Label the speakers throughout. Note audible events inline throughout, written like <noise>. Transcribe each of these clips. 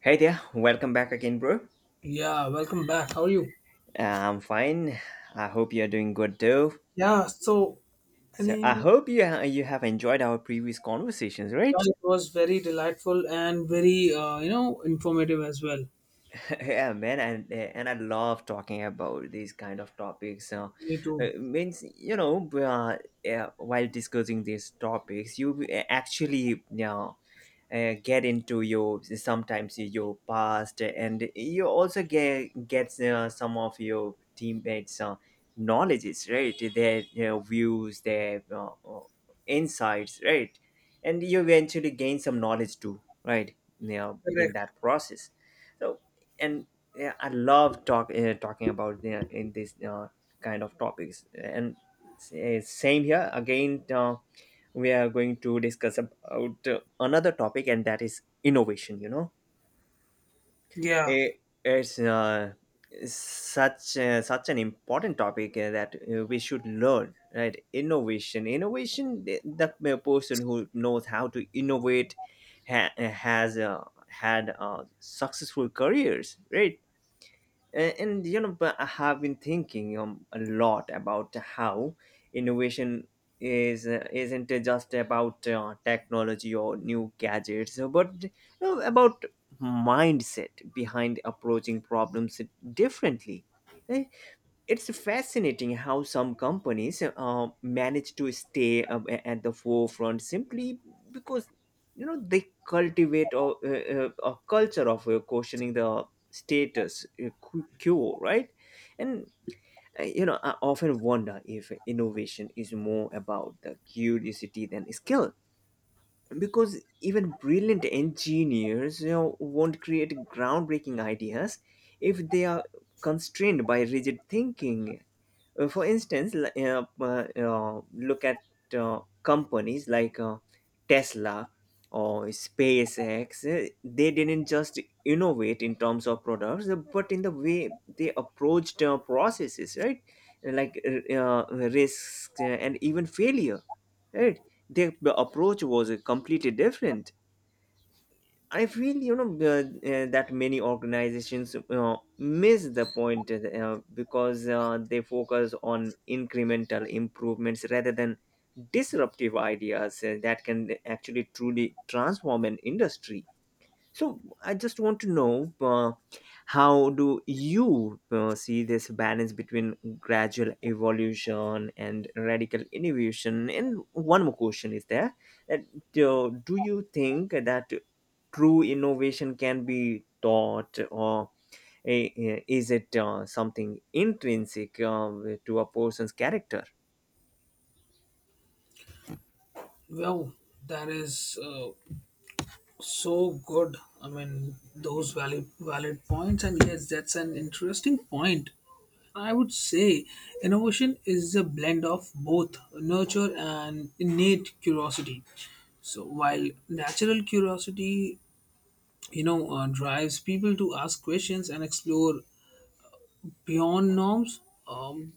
Speaker 1: Hey there, welcome back again, bro.
Speaker 2: Yeah, welcome back. How are you?
Speaker 1: I'm fine. I hope you're doing good too.
Speaker 2: Yeah, so I
Speaker 1: So I
Speaker 2: mean,
Speaker 1: hope you you have enjoyed our previous conversations, right?
Speaker 2: yeah, it was very delightful and very, informative as well.
Speaker 1: <laughs> Yeah, man, and I love talking about these kind of topics.
Speaker 2: Me too.
Speaker 1: Means, you know, yeah, while discussing these topics you actually you get into your, sometimes, your past, and you also get gets some of your teammates' knowledges, right? Their, you know, views, their insights, right? And you eventually gain some knowledge too, right, you know, in
Speaker 2: Correct.
Speaker 1: that process. So, and yeah, I love talking about the, in these kind of topics. And same here again. We are going to discuss about another topic, and that is innovation. You know,
Speaker 2: Yeah.
Speaker 1: Eh, it's such such an important topic that we should learn. Right, innovation, innovation. The person who knows how to innovate has had successful careers. Right, and you know, but I have been thinking a lot about how innovation is isn't just about technology or new gadgets, but you know, about mindset behind approaching problems differently. Eh? It's fascinating how some companies manage to stay at the forefront simply because, you know, they cultivate a culture of questioning the status quo, right? And you know, I often wonder if innovation is more about the curiosity than skill, because even brilliant engineers, you know, won't create groundbreaking ideas if they are constrained by rigid thinking. For instance, look at companies like Tesla or SpaceX. They didn't just innovate in terms of products, but in the way they approached processes, right? Like risks and even failure, right? Their approach was completely different. I feel, you know, that many organizations miss the point because they focus on incremental improvements rather than disruptive ideas that can actually truly transform an industry. So I just want to know, how do you see this balance between gradual evolution and radical innovation? And one more question is there: that, do you think that true innovation can be taught, or uh, is it something intrinsic to a person's character?
Speaker 2: Wow, that is so good. I mean, those valid points, and yes, that's an interesting point. I would say innovation is a blend of both nurture and innate curiosity. So while natural curiosity drives people to ask questions and explore beyond norms. um,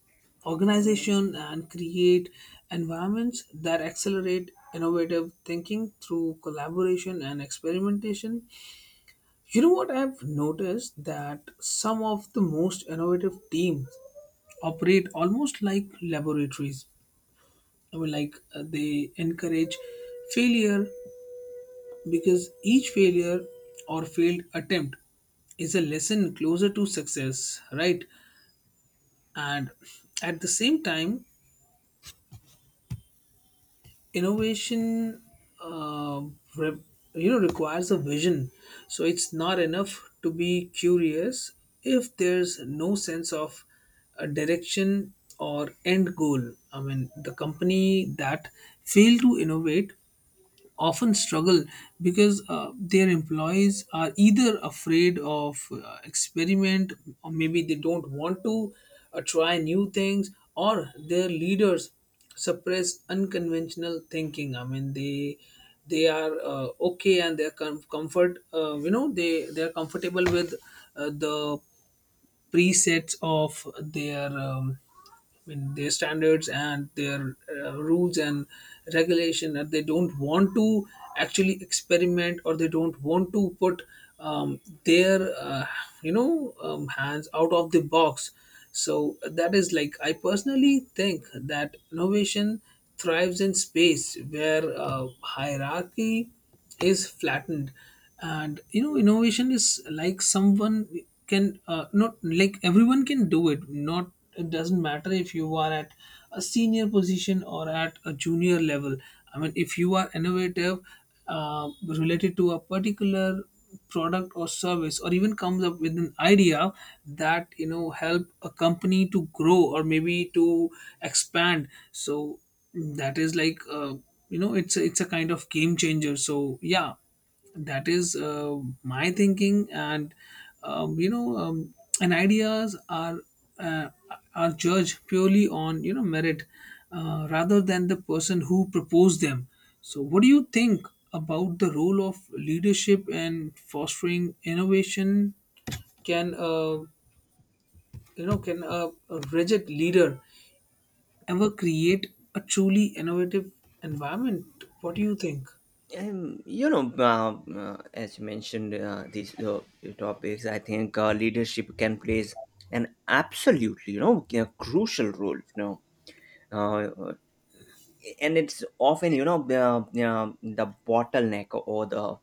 Speaker 2: Organization and create environments that accelerate innovative thinking through collaboration and experimentation. You know what I've noticed, that some of the most innovative teams operate almost like laboratories. I mean, like, they encourage failure, because each failure or failed attempt is a lesson closer to success, right? And at the same time, innovation uh, re- requires a vision. So it's not enough to be curious if there's no sense of a direction or end goal. I mean, the company that fail to innovate often struggle, because their employees are either afraid of experiment, or maybe they don't want to try new things, or their leaders suppress unconventional thinking. I mean, they are okay, and they are comfortable with the presets of their I mean, their standards and their rules and regulation, that they don't want to actually experiment, or they don't want to put um, their you know hands out of the box. So that is like, I personally think that innovation thrives in space where hierarchy is flattened. And innovation is like someone can, not like everyone can do it. Not, it doesn't matter if you are at a senior position or at a junior level. I mean, if you are innovative related to a particular product or service, or even comes up with an idea that help a company to grow or maybe to expand. So that is like, it's a, kind of game changer. So yeah, that is my thinking. And um, you know um, and ideas uh, are judged purely on merit rather than the person who proposed them. So what do you think about the role of leadership and fostering innovation? Can, a, rigid leader ever create a truly innovative environment? What do you think?
Speaker 1: You know, as you mentioned, these topics, I think leadership can play an absolutely, you know, a crucial role. You know, uh, and it's often, you know, the bottleneck or the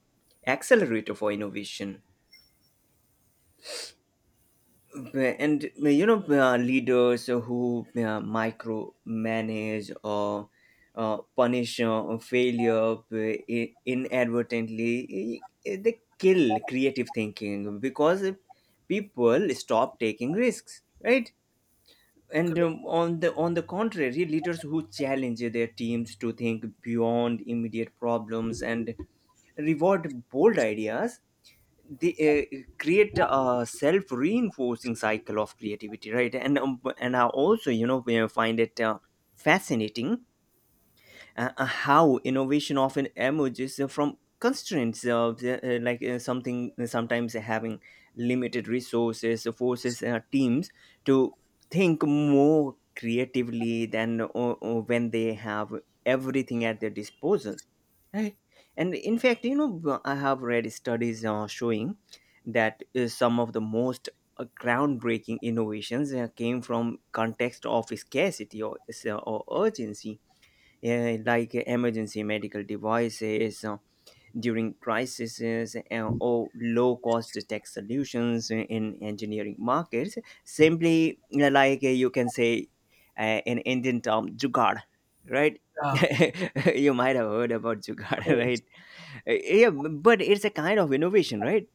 Speaker 1: accelerator for innovation. Right, and you know, leaders who micromanage or punish failure inadvertently they kill creative thinking because people stop taking risks, right? And on the contrary, leaders who challenge their teams to think beyond immediate problems and reward bold ideas, they create a self-reinforcing cycle of creativity, right? And and I also, you know, we find it fascinating how innovation often emerges from constraints of the, like, something, sometimes, having limited resources forces teams to think more creatively than when they have everything at their disposal. Right. And in fact, you know, I have read studies showing that some of the most groundbreaking innovations came from context of scarcity, or urgency, like emergency medical devices during crises, or low-cost tech solutions in engineering markets. Simply, like, you can say, in Indian term, jugaad, right?
Speaker 2: Yeah,
Speaker 1: <laughs> You might have heard about jugaad, <laughs>
Speaker 2: correct.
Speaker 1: right? Yeah, but it's a kind of innovation, right?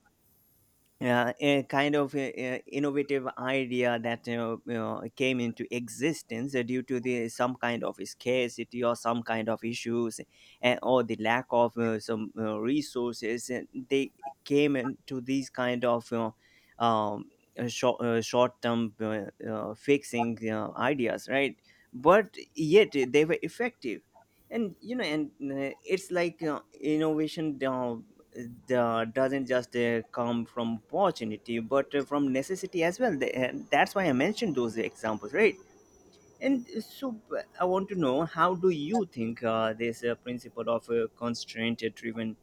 Speaker 1: A kind of innovative idea that, you know, came into existence due to the some kind of scarcity or some kind of issues, and or the lack of some resources, and they came into these kind of, you know, um, short-term fixing ideas, right? But yet they were effective. And you know, and it's like, innovation doesn't just come from opportunity, but from necessity as well. And that's why I mentioned those examples, right? And so, I want to know, how do you think this principle of constraint driven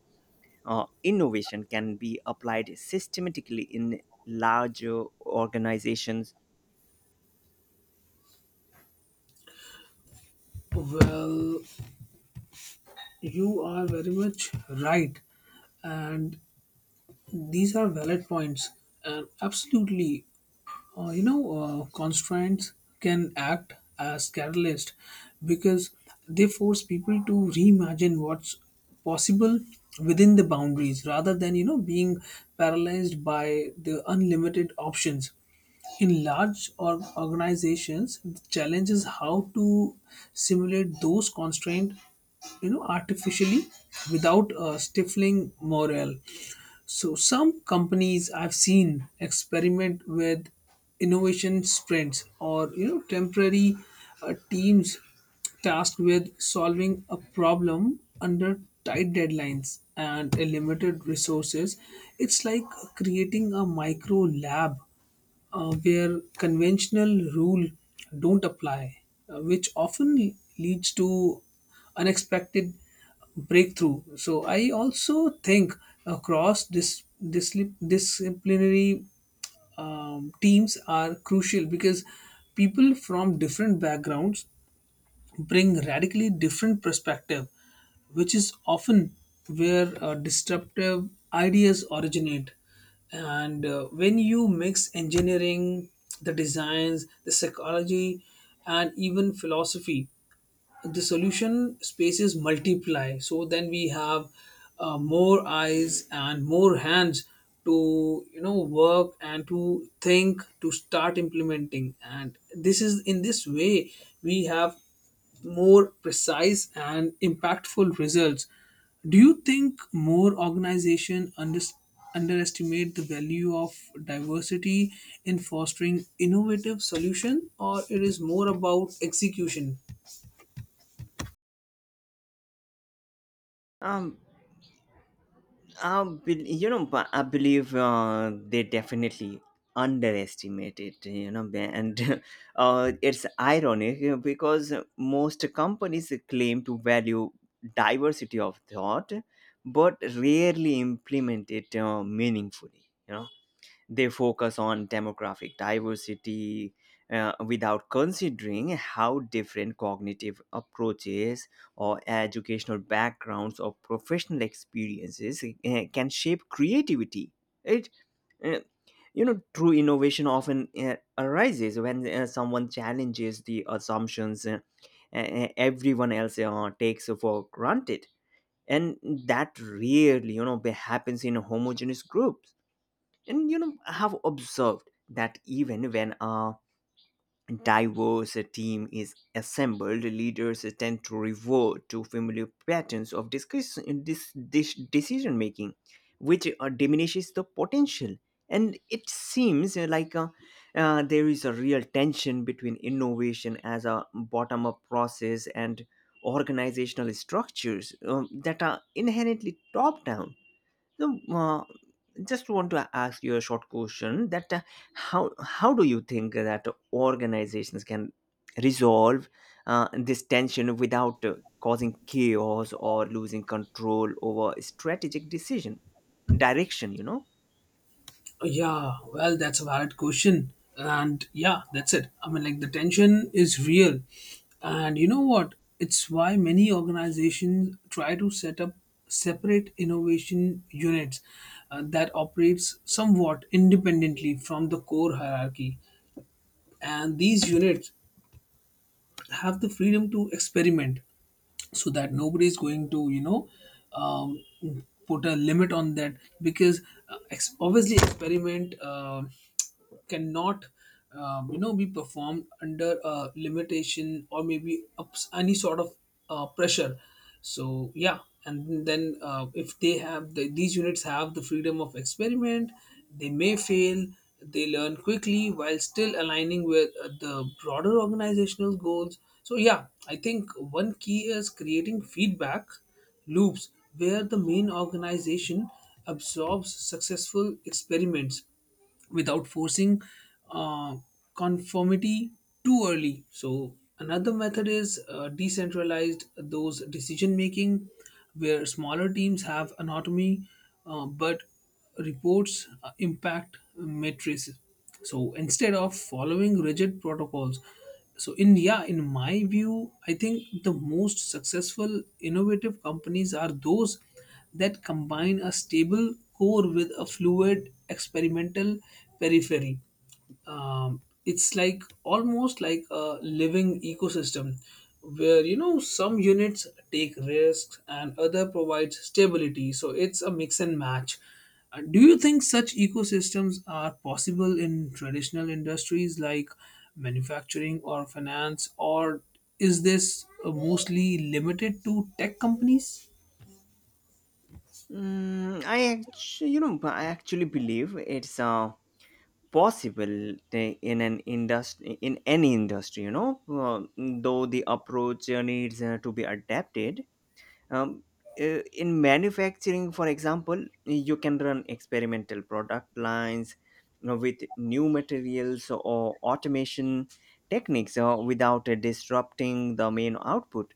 Speaker 1: innovation can be applied systematically in larger organizations?
Speaker 2: Well, you are very much right. And these are valid points. And absolutely, constraints can act as catalyst, because they force people to reimagine what's possible within the boundaries rather than, being paralyzed by the unlimited options. In large or organizations, the challenge is how to simulate those constraints, artificially, without stifling morale. So some companies I've seen experiment with innovation sprints, or temporary teams tasked with solving a problem under tight deadlines and limited resources. It's like creating a micro lab where conventional rule don't apply, which often leads to unexpected breakthrough. So I also think across dis- disciplinary teams are crucial, because people from different backgrounds bring radically different perspective, which is often where disruptive ideas originate. And when you mix engineering, the designs, the psychology, and even philosophy, the solution spaces multiply. So then we have more eyes and more hands to work, and to think, to start implementing. And this is, in this way, we have more precise and impactful results. Do you think more organizations underestimate the value of diversity in fostering innovative solution, or it is more about execution?
Speaker 1: Um, I bel You know, but I believe they definitely underestimate it, you know, and <laughs> it's ironic, you know, because most companies claim to value diversity of thought, but rarely implement it meaningfully. You know, they focus on demographic diversity without considering how different cognitive approaches or educational backgrounds or professional experiences can shape creativity. It, uh, you know, true innovation often arises when someone challenges the assumptions everyone else takes for granted, and that rarely, you know, happens in homogeneous groups. And you know, I have observed that even when a diverse team is assembled, leaders tend to revert to familiar patterns of discussion, decision making, which diminishes the potential. And it seems like, there is a real tension between innovation as a bottom up process and organizational structures that are inherently top down so, just want to ask you a short question: that how do you think that organizations can resolve this tension without causing chaos or losing control over strategic decision direction? You know.
Speaker 2: Yeah, well, that's a valid question. And yeah, that's it. I mean, like, the tension is real. And you know what? It's why many organizations try to set up separate innovation units that operates somewhat independently from the core hierarchy. And these units have the freedom to experiment, so that nobody is going to um, put a limit on that, because obviously, experiment cannot be performed under a limitation, or maybe any sort of pressure. So yeah, and then, if they have these units have the freedom of experiment, they may fail, they learn quickly while still aligning with the broader organizational goals. So yeah, I think one key is creating feedback loops where the main organization absorbs successful experiments without forcing uh, conformity too early. So another method is decentralized those decision making, where smaller teams have autonomy, but reports impact matrices, so instead of following rigid protocols. So in yeah in my view, I think the most successful innovative companies are those that combine a stable core with a fluid experimental periphery. It's like, almost like a living ecosystem where some units take risks and other provides stability. So it's a mix and match. Do you think such ecosystems are possible in traditional industries like manufacturing or finance, or is this mostly limited to tech companies?
Speaker 1: Mm, I I actually believe it's possible thing in an industry in any industry, you know. Though the approach needs to be adapted. um, in manufacturing, for example, you can run experimental product lines, you know, with new materials or automation techniques without disrupting the main output.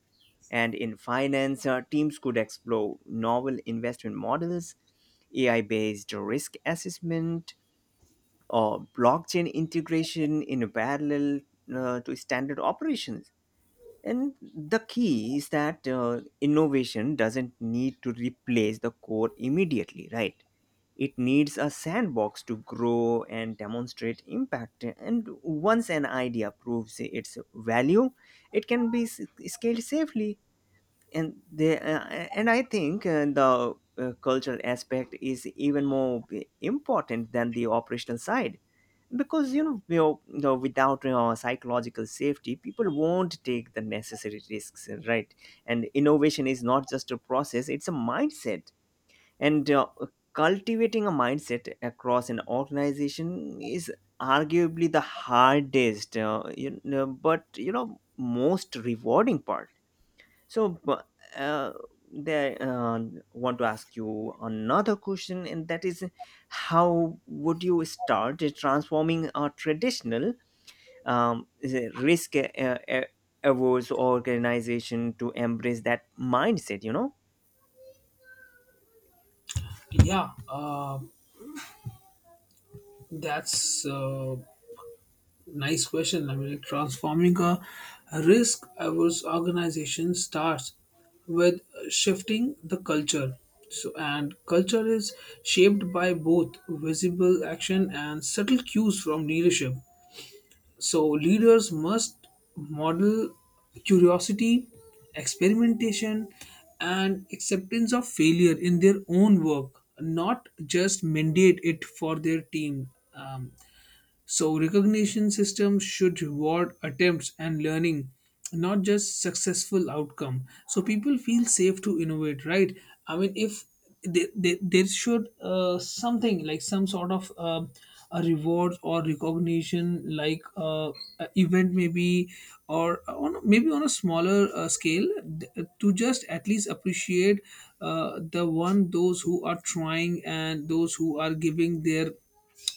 Speaker 1: And in finance, teams could explore novel investment models, ai based risk assessment, or blockchain integration in parallel to standard operations. And the key is that innovation doesn't need to replace the core immediately, right? It needs a sandbox to grow and demonstrate impact. And once an idea proves its value, it can be scaled safely. And the and I think the cultural aspect is even more important than the operational side, because you know, without psychological safety, people won't take the necessary risks, right? And innovation is not just a process, it's a mindset. And cultivating a mindset across an organization is arguably the hardest, you know, but you know, most rewarding part. So, bu- uh, there want to ask you another question, and that is, how would you start transforming a traditional is it risk averse organization to embrace that mindset? You know,
Speaker 2: Yeah, uh, that's nice question. I mean, like, transforming a risk averse organization starts with shifting the culture. So, and culture is shaped by both visible action and subtle cues from leadership. So, leaders must model curiosity, experimentation, and acceptance of failure in their own work, not just mandate it for their team. Um, so recognition systems should reward attempts and learning, not just successful outcome, so people feel safe to innovate, right? I mean, if there should something like some sort of a reward or recognition, like a event maybe, or maybe on a smaller scale, to just at least appreciate the one, those who are trying and those who are giving their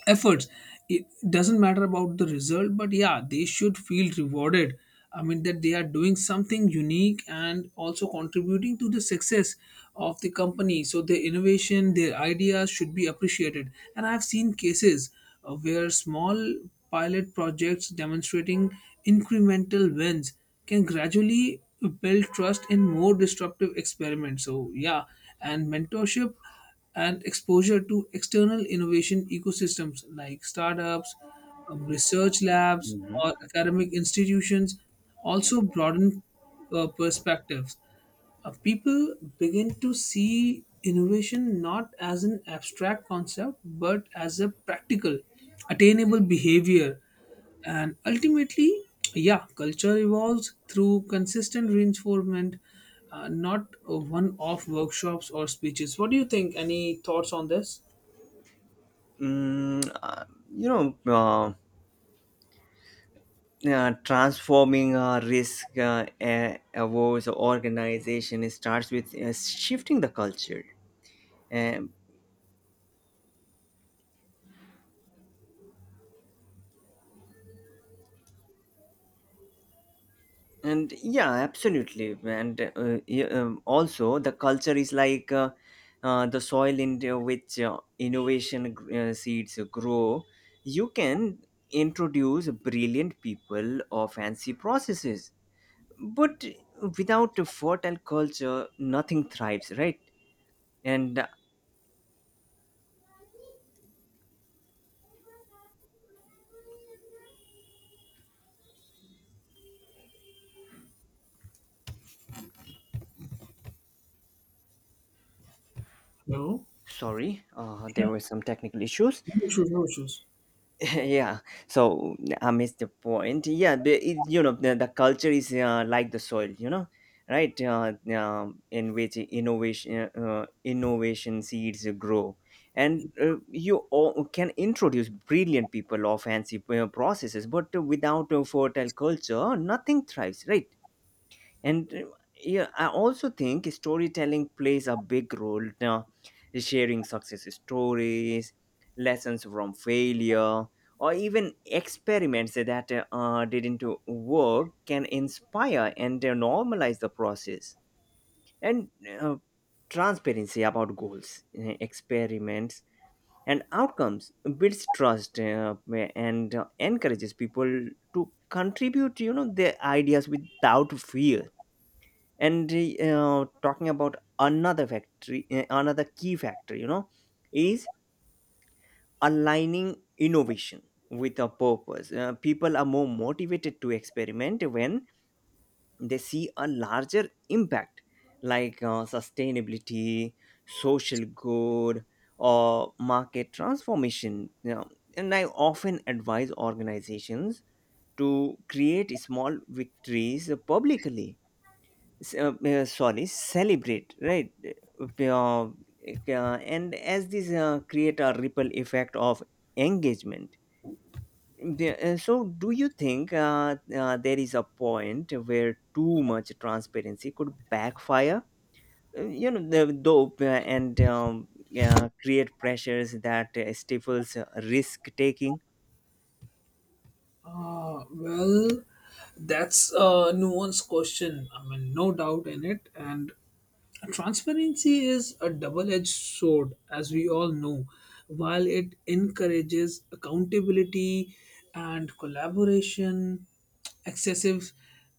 Speaker 2: efforts. It doesn't matter about the result, but yeah, they should feel rewarded. I mean, that they are doing something unique, and also contributing to the success of the company. So their innovation, their ideas should be appreciated. And I've seen cases where small pilot projects demonstrating incremental wins can gradually build trust in more disruptive experiments. So yeah, and mentorship and exposure to external innovation ecosystems like startups, research labs,
Speaker 1: mhm.
Speaker 2: or academic institutions, also broaden perspectives. People begin to see innovation not as an abstract concept, but as a practical, attainable behavior. And ultimately, yeah, culture evolves through consistent reinforcement, not one off workshops or speeches. What do you think? Any thoughts on this?
Speaker 1: mm, uh, you know. Transforming a risk averse organization starts with shifting the culture. And yeah, absolutely. And yeah, also the culture is like, the soil in which innovation seeds grow. You can introduce brilliant people or fancy processes, but without a fertile culture, nothing thrives, right? And
Speaker 2: No.
Speaker 1: sorry,
Speaker 2: Yeah,
Speaker 1: there were some technical issues.
Speaker 2: no issues, no issues.
Speaker 1: <laughs> Yeah. So I missed the point. Yeah, the, it, you know, the culture is, like the soil, you know, right? In which innovation seeds grow. And you all can introduce brilliant people or fancy processes, but without a fertile culture, nothing thrives, right? And yeah, I also think storytelling plays a big role now. Sharing success stories, lessons from failure, or even experiments that didn't work can inspire and normalize the process. And uh, transparency about goals, experiments, and outcomes builds trust, and encourages people to contribute, you know, their ideas without fear. And talking about another factory another key factor, you know, is aligning innovation with a purpose. People are more motivated to experiment when they see a larger impact, like sustainability, social good, or market transformation, you know. And I often advise organizations to create small victories publicly. Sorry, celebrate, right? And as this create a ripple effect of engagement. So, do you think there is a point where too much transparency could backfire, you know, the though and create pressures that stifles risk taking?
Speaker 2: Well, that's a nuanced question. I mean, no doubt in it. And transparency is a double edged sword, as we all know. While it encourages accountability and collaboration, excessive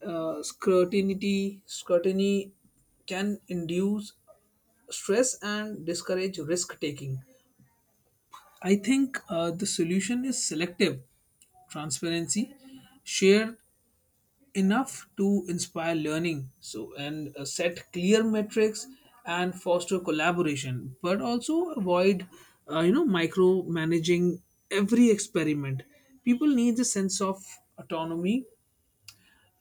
Speaker 2: scrutiny can induce stress and discourage risk taking. I think the solution is selective transparency, shared enough to inspire learning. And set clear metrics and foster collaboration, but also avoid micromanaging every experiment. People need a sense of autonomy,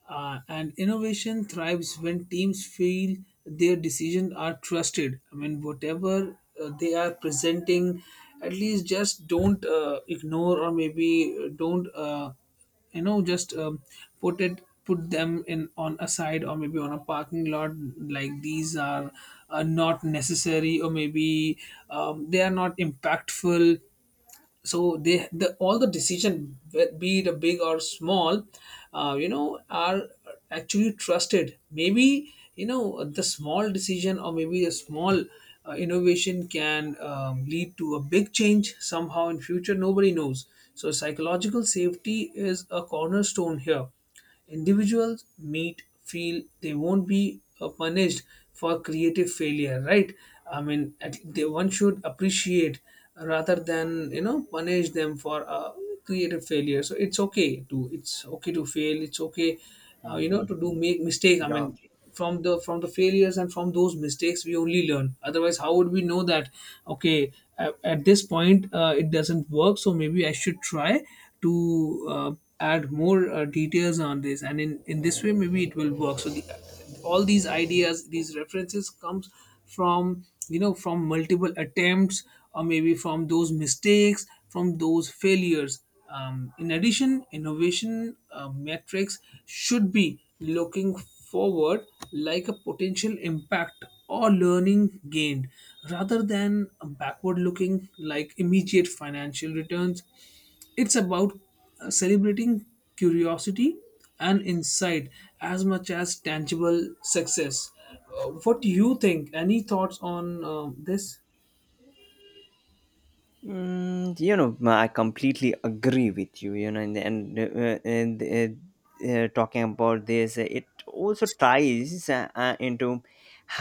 Speaker 2: and innovation thrives when teams feel their decisions are trusted. I mean, whatever they are presenting, at least just don't ignore, or maybe don't, just put them in on a side, or maybe on a parking lot, like these are not necessary, or maybe they are not impactful. So they the all the decision, be it a big or small, are actually trusted. Maybe, the small decision, or maybe a small innovation can lead to a big change somehow in future, nobody knows. So psychological safety is a cornerstone here. Individuals meet feel they won't be punished for creative failure, right? I mean, they, one should appreciate rather than, punish them for creative failure. So it's okay to fail. It's okay, to do make mistake. I mean, from the failures, and from those mistakes, we only learn. Otherwise, how would we know that, okay, at this point it doesn't work? So maybe I should try to add more details on this, and in this way, maybe it will work. So all these ideas, these references comes from, multiple attempts, or maybe from those mistakes, from those failures. In addition, innovation metrics should be looking forward, like a potential impact or learning gained, rather than backward looking like immediate financial returns. It's about celebrating curiosity and insight as much as tangible success. What do you think? Any thoughts on this?
Speaker 1: Mm, you know, I completely agree with you. You know, and talking about this, it also ties into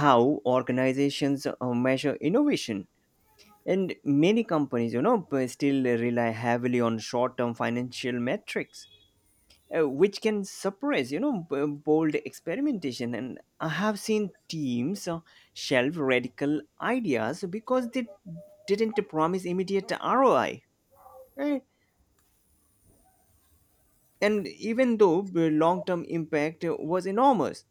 Speaker 1: how organizations measure innovation. And many companies, you know, still rely heavily on short-term financial metrics, which can suppress, you know, bold experimentation. And I have seen teams shelve radical ideas because they didn't promise immediate ROI, right? And even though the long-term impact was enormous,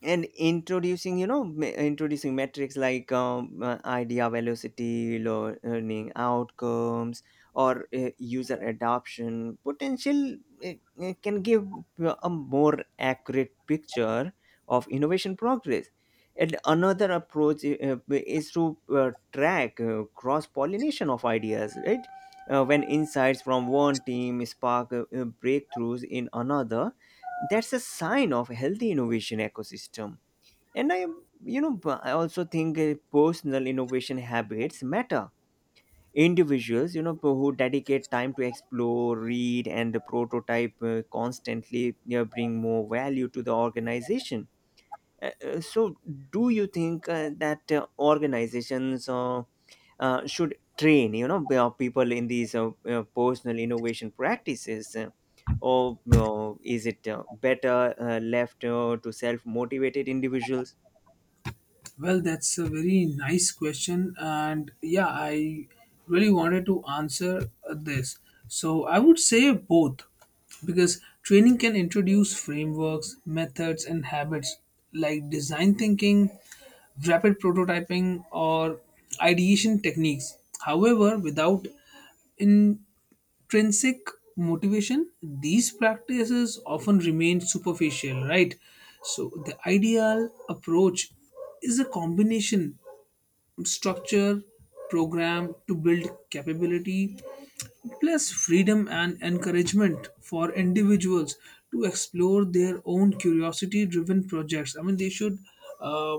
Speaker 1: and introducing you know ma- introducing metrics like idea velocity, learning outcomes, or user adoption potential uh, can give a more accurate picture of innovation progress. And another approach is to track cross pollination of ideas, right? When insights from one team spark breakthroughs in another, that's a sign of a healthy innovation ecosystem. And I, you know, b- I also think personal innovation habits matter. Individuals, who dedicate time to explore, read, and prototype constantly, bring more value to the organization. So, do you think that organizations should train, people in these personal innovation practices? Or is it better left to self motivated individuals?
Speaker 2: Well, that's a very nice question, and yeah, I really wanted to answer this. So, I would say both, because training can introduce frameworks, methods, and habits like design thinking, rapid prototyping, or ideation techniques. However, without in intrinsic motivation, these practices often remain superficial, right? So the ideal approach is a combination, structure program to build capability plus freedom and encouragement for individuals to explore their own curiosity driven projects. I mean they should uh,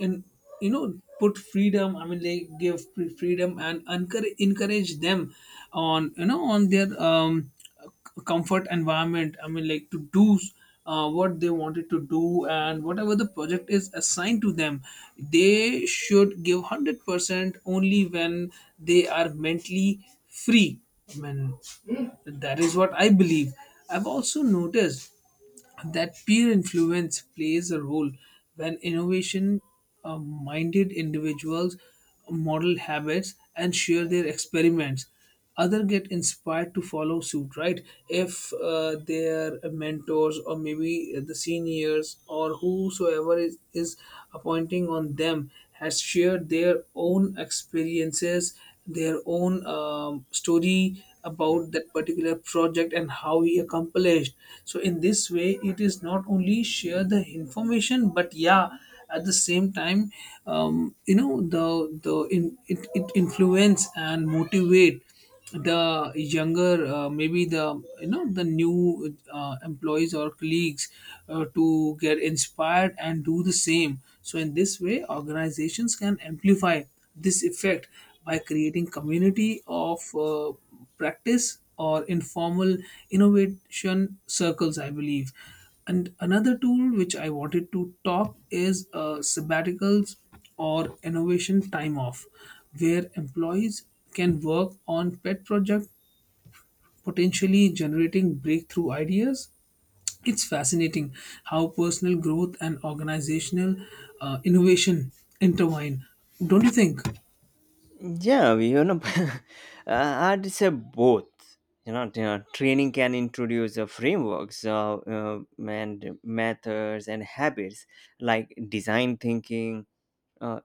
Speaker 2: and you know put freedom. I mean they give free freedom and encourage them on on their comfort environment. I mean like to do what they wanted to do, and whatever the project is assigned to them, they should give 100% only when they are mentally free. I mean, that is what I believe. I've also noticed that peer influence plays a role when innovation minded individuals model habits and share their experiments. Others get inspired to follow suit, right? If their mentors or maybe the seniors or whosoever is appointing on them has shared their own experiences, their own story about that particular project and how he accomplished. So in this way, it is not only share the information, but yeah, at the same time, it influence and motivate the younger, maybe the the new employees or colleagues, to get inspired and do the same. So in this way organizations can amplify this effect by creating community of practice or informal innovation circles, I believe. And another tool which I wanted to talk is sabbaticals or innovation time off, where employees can work on pet project, potentially generating breakthrough ideas. It's fascinating how personal growth and organizational innovation intertwine. Don't you think?
Speaker 1: Yeah, we, <laughs> I'd say both. Training can introduce frameworks, and methods and habits like design thinking. Uh,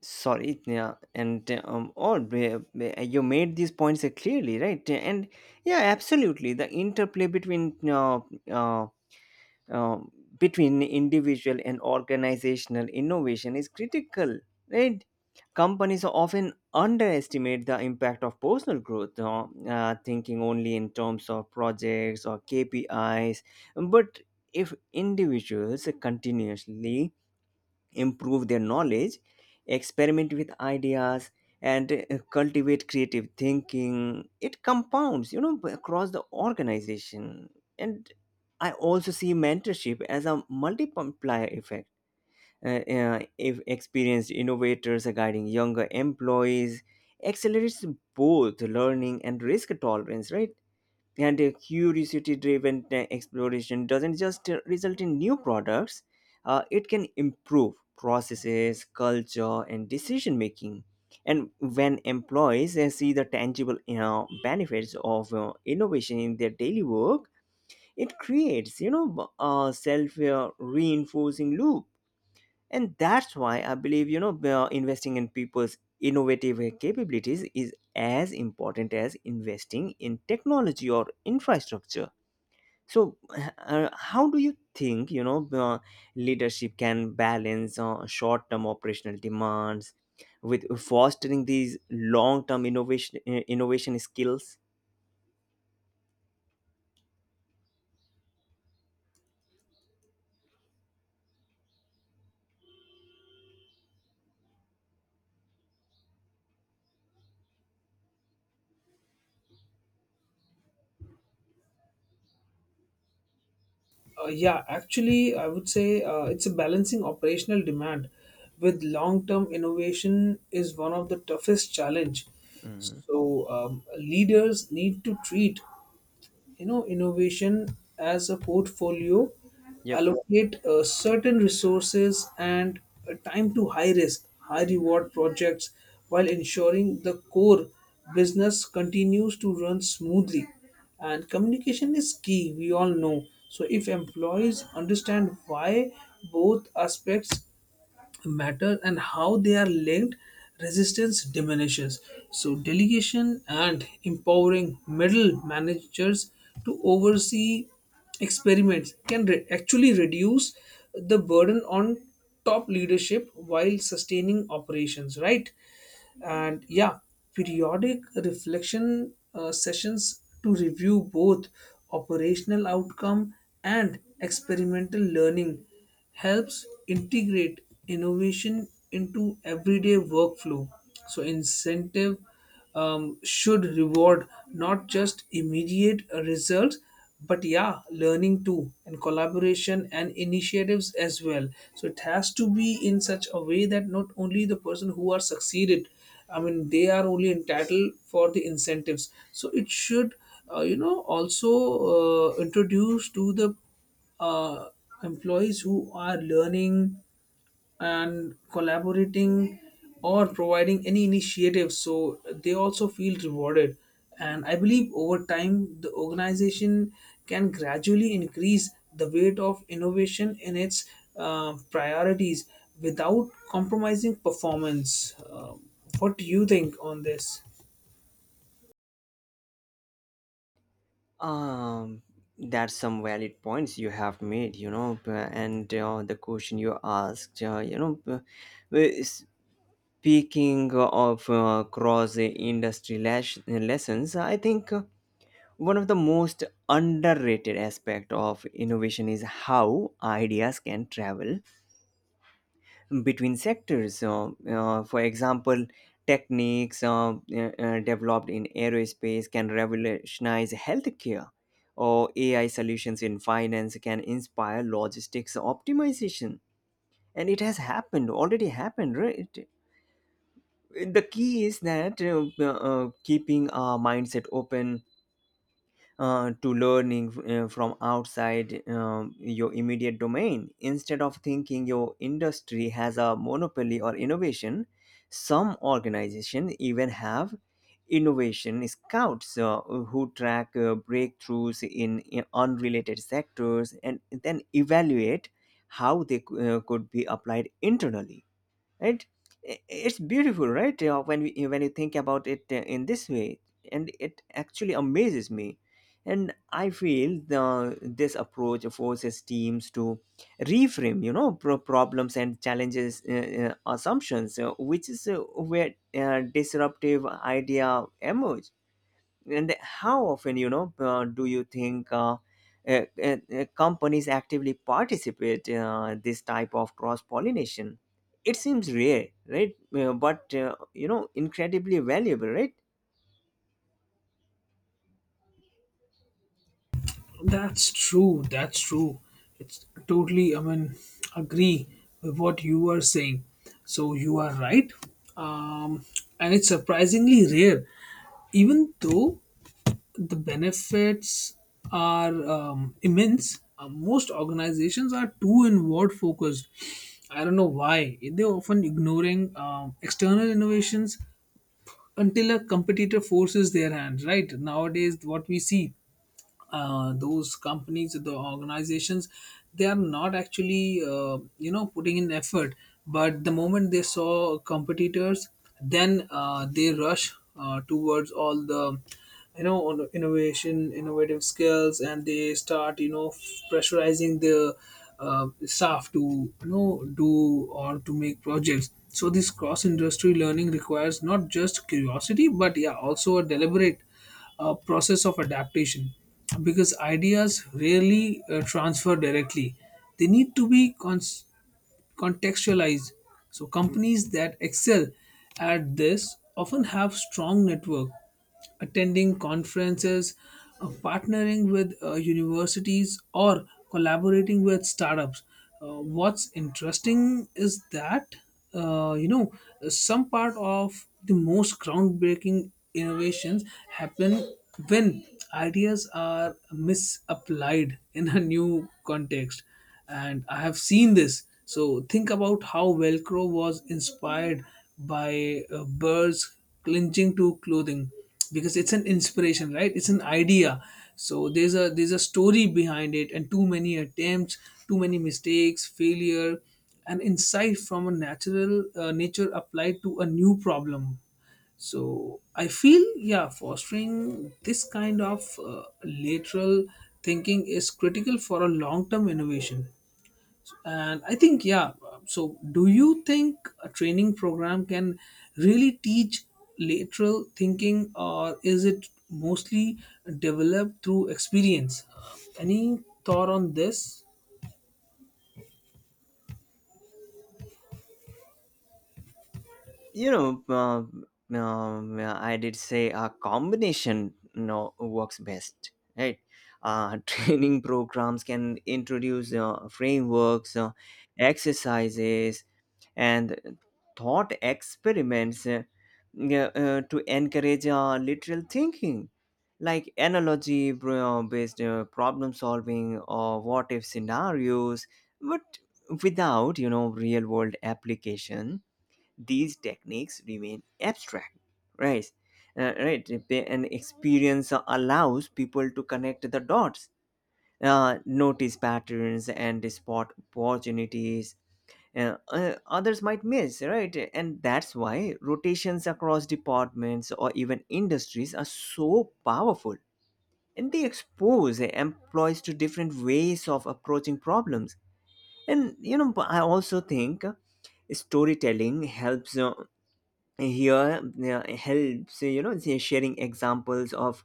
Speaker 1: Sorry. Yeah, and you made these points clearly, right? And yeah, absolutely, the interplay uh, um, between individual and organizational innovation is critical, right? Companies often underestimate the impact of personal growth, thinking only in terms of projects or KPIs, but if individuals continuously improve their knowledge, experiment with ideas, and cultivate creative thinking, it compounds, you know, across the organization. And I also see mentorship as a multiplier effect. If experienced innovators are guiding younger employees, accelerates both learning and risk tolerance, right? And a curiosity driven exploration doesn't just result in new products. It can improve processes, culture, and decision making. And when employees see the tangible, you know, benefits of innovation in their daily work, it creates, a self reinforcing loop. And that's why I believe, investing in people's innovative capabilities is as important as investing in technology or infrastructure. So how do you think, leadership can balance short-term operational demands with fostering these long-term innovation skills?
Speaker 2: Yeah, actually, I would say it's a balancing operational demand with long-term innovation is one of the toughest challenge. So leaders need to treat innovation as a portfolio,
Speaker 1: Yep.
Speaker 2: allocate certain resources and time to high risk high reward projects, while ensuring the core business continues to run smoothly. And communication is key, we all know. So if employees understand why both aspects matter and how they are linked, resistance diminishes. So, delegation and empowering middle managers to oversee experiments can actually reduce the burden on top leadership while sustaining operations, right? And yeah, periodic reflection sessions to review both operational outcome and experimental learning helps integrate innovation into everyday workflow. So, incentive should reward not just immediate results, but yeah, learning too, and collaboration and initiatives as well. So, it has to be in such a way that not only the person who are succeeded, I mean, they are only entitled for the incentives. So, it should, also introduce to the uh, employees who are learning and collaborating or providing any initiative, so they also feel rewarded. And I believe over time the organization can gradually increase the weight of innovation in its priorities without compromising performance. Um what do you think on this?
Speaker 1: Um, that's some valid points you have made, and the question you asked, w- speaking of cross industry lessons, I think one of the most underrated aspect of innovation is how ideas can travel between sectors. For example, techniques developed in aerospace can revolutionize healthcare, or AI solutions in finance can inspire logistics optimization. And it has happened, already happened, right? The key is that keeping our mindset open to learning from outside your immediate domain. Instead of thinking your industry has a monopoly or innovation, some organizations even have innovation scouts who track breakthroughs in unrelated sectors and then evaluate how they could be applied internally, right? It's beautiful, right? You know, when you think about it in this way, and it actually amazes me. And I feel this approach forces teams to reframe, problems and challenges assumptions, which is where disruptive idea emerge. And how often, do you think companies actively participate this type of cross pollination? It seems rare, right? But incredibly valuable, right?
Speaker 2: That's true. That's true. It's totally, I mean, agree with what you are saying. So you are right. Um, and it's surprisingly rare, even though the benefits are immense. Most organizations are too inward focused. I don't know why. They're often ignoring external innovations until a competitor forces their hand, right? Nowadays, what we see, those companies, the organizations, they are not actually putting in effort, but the moment they saw competitors, then they rush towards all the innovation innovative skills, and they start pressurizing the staff to do or to make projects. So this cross industry learning requires not just curiosity, but yeah, also a deliberate process of adaptation, because ideas rarely transfer directly. They need to be contextualize. So companies that excel at this often have strong network, attending conferences, partnering with universities, or collaborating with startups. What's interesting is that uh, you know some part of the most groundbreaking innovations happen when ideas are misapplied in a new context, and I have seen this. So think about how Velcro was inspired by birds clinching to clothing, because it's an inspiration, right? It's an idea. So there's a story behind it, and too many attempts, too many mistakes, failure, and insight from a natural nature applied to a new problem. So I feel, yeah, fostering this kind of lateral thinking is critical for a long-term innovation. And I think, yeah, so do you think a training program can really teach lateral thinking, or is it mostly developed through experience? Any thought on this?
Speaker 1: you know uh, I did say a combination, you know works best, right? <laughs> Training programs can introduce frameworks, exercises, and thought experiments, yeah, to encourage literal thinking, like analogy based problem solving or what if scenarios. But without, real world application, these techniques remain abstract, right? Right. And experience allows people to connect the dots, notice patterns, and spot opportunities others might miss, right? And that's why rotations across departments or even industries are so powerful. And they expose employees to different ways of approaching problems. And, you know, but I also think storytelling helps here, helps, you know, sharing examples of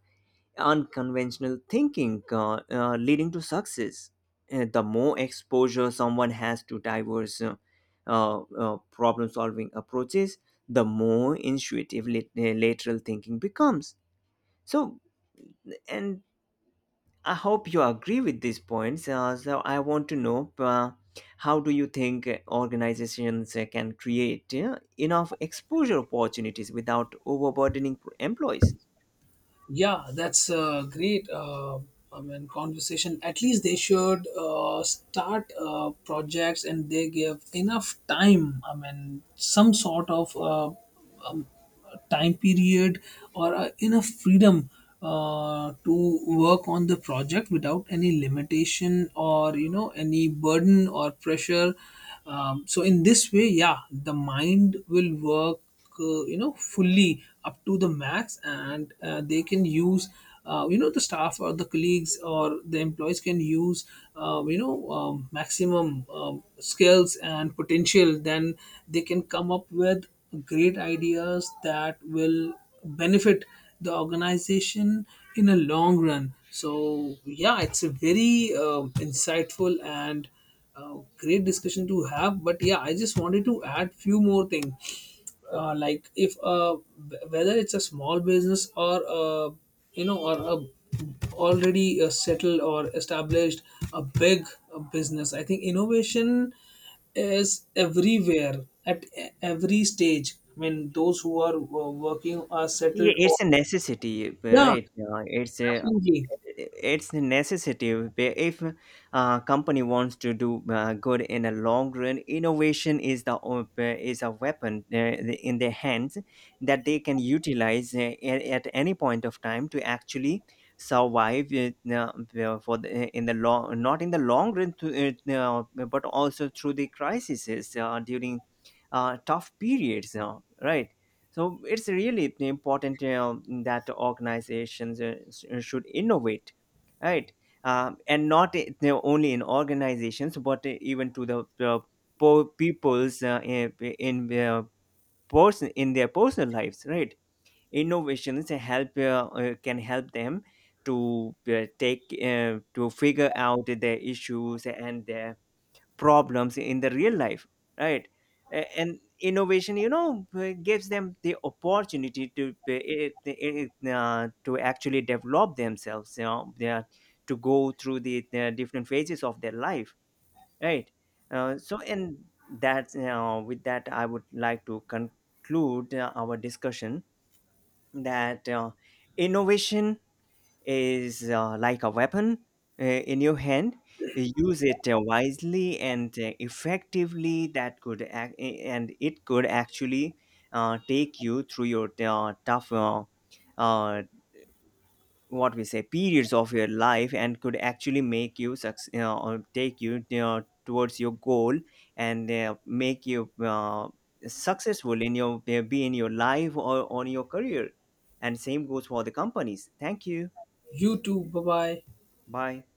Speaker 1: unconventional thinking leading to success. The more exposure someone has to diverse problem solving approaches, the more intuitive lateral thinking becomes. So, and I hope you agree with these points. So, I want to know how do you think organizations can create enough exposure opportunities without overburdening employees?
Speaker 2: Yeah, that's a great I mean, conversation. At least they should start projects and they give enough time. I mean, some sort of time period or enough freedom to work on the project without any limitation or any burden or pressure. So in this way, yeah, the mind will work fully up to the max, and they can use the staff or the colleagues or the employees can use maximum skills and potential. Then they can come up with great ideas that will benefit the organization in a long run. So yeah, it's a very insightful and great discussion to have, but yeah, I just wanted to add few more things. Uh, like if whether it's a small business or or a already settled or established a big business, I think innovation is everywhere at every stage. I mean those who are working are
Speaker 1: Yeah,
Speaker 2: settled.
Speaker 1: it's a necessity,
Speaker 2: Yeah,
Speaker 1: right? It's a
Speaker 2: definitely.
Speaker 1: it's necessity. If a company wants to do good in a long run, innovation is is a weapon in their hands that they can utilize at any point of time to actually survive for in the long, not in the long run, to, but also through the crises during tough periods, right? So it's really important that organizations should innovate, right? And not I- only in organizations, but even to the people's, in their in their personal lives, right? Innovations help can help them to figure out their issues and their problems in the real life, right? And innovation, gives them the opportunity to be- it- it- to actually develop themselves, to go through the different phases of their life, right? So and that's, with that, I would like to conclude our discussion, that innovation is like a weapon in your hand. Use it wisely and effectively. That could act, and It could actually take you through your tough, uh, what we say, periods of your life, and could actually make you success or take you towards your goal and make you successful in your, be in your life or on your career. And same goes for the companies. Thank you.
Speaker 2: You too, bye bye.
Speaker 1: Bye.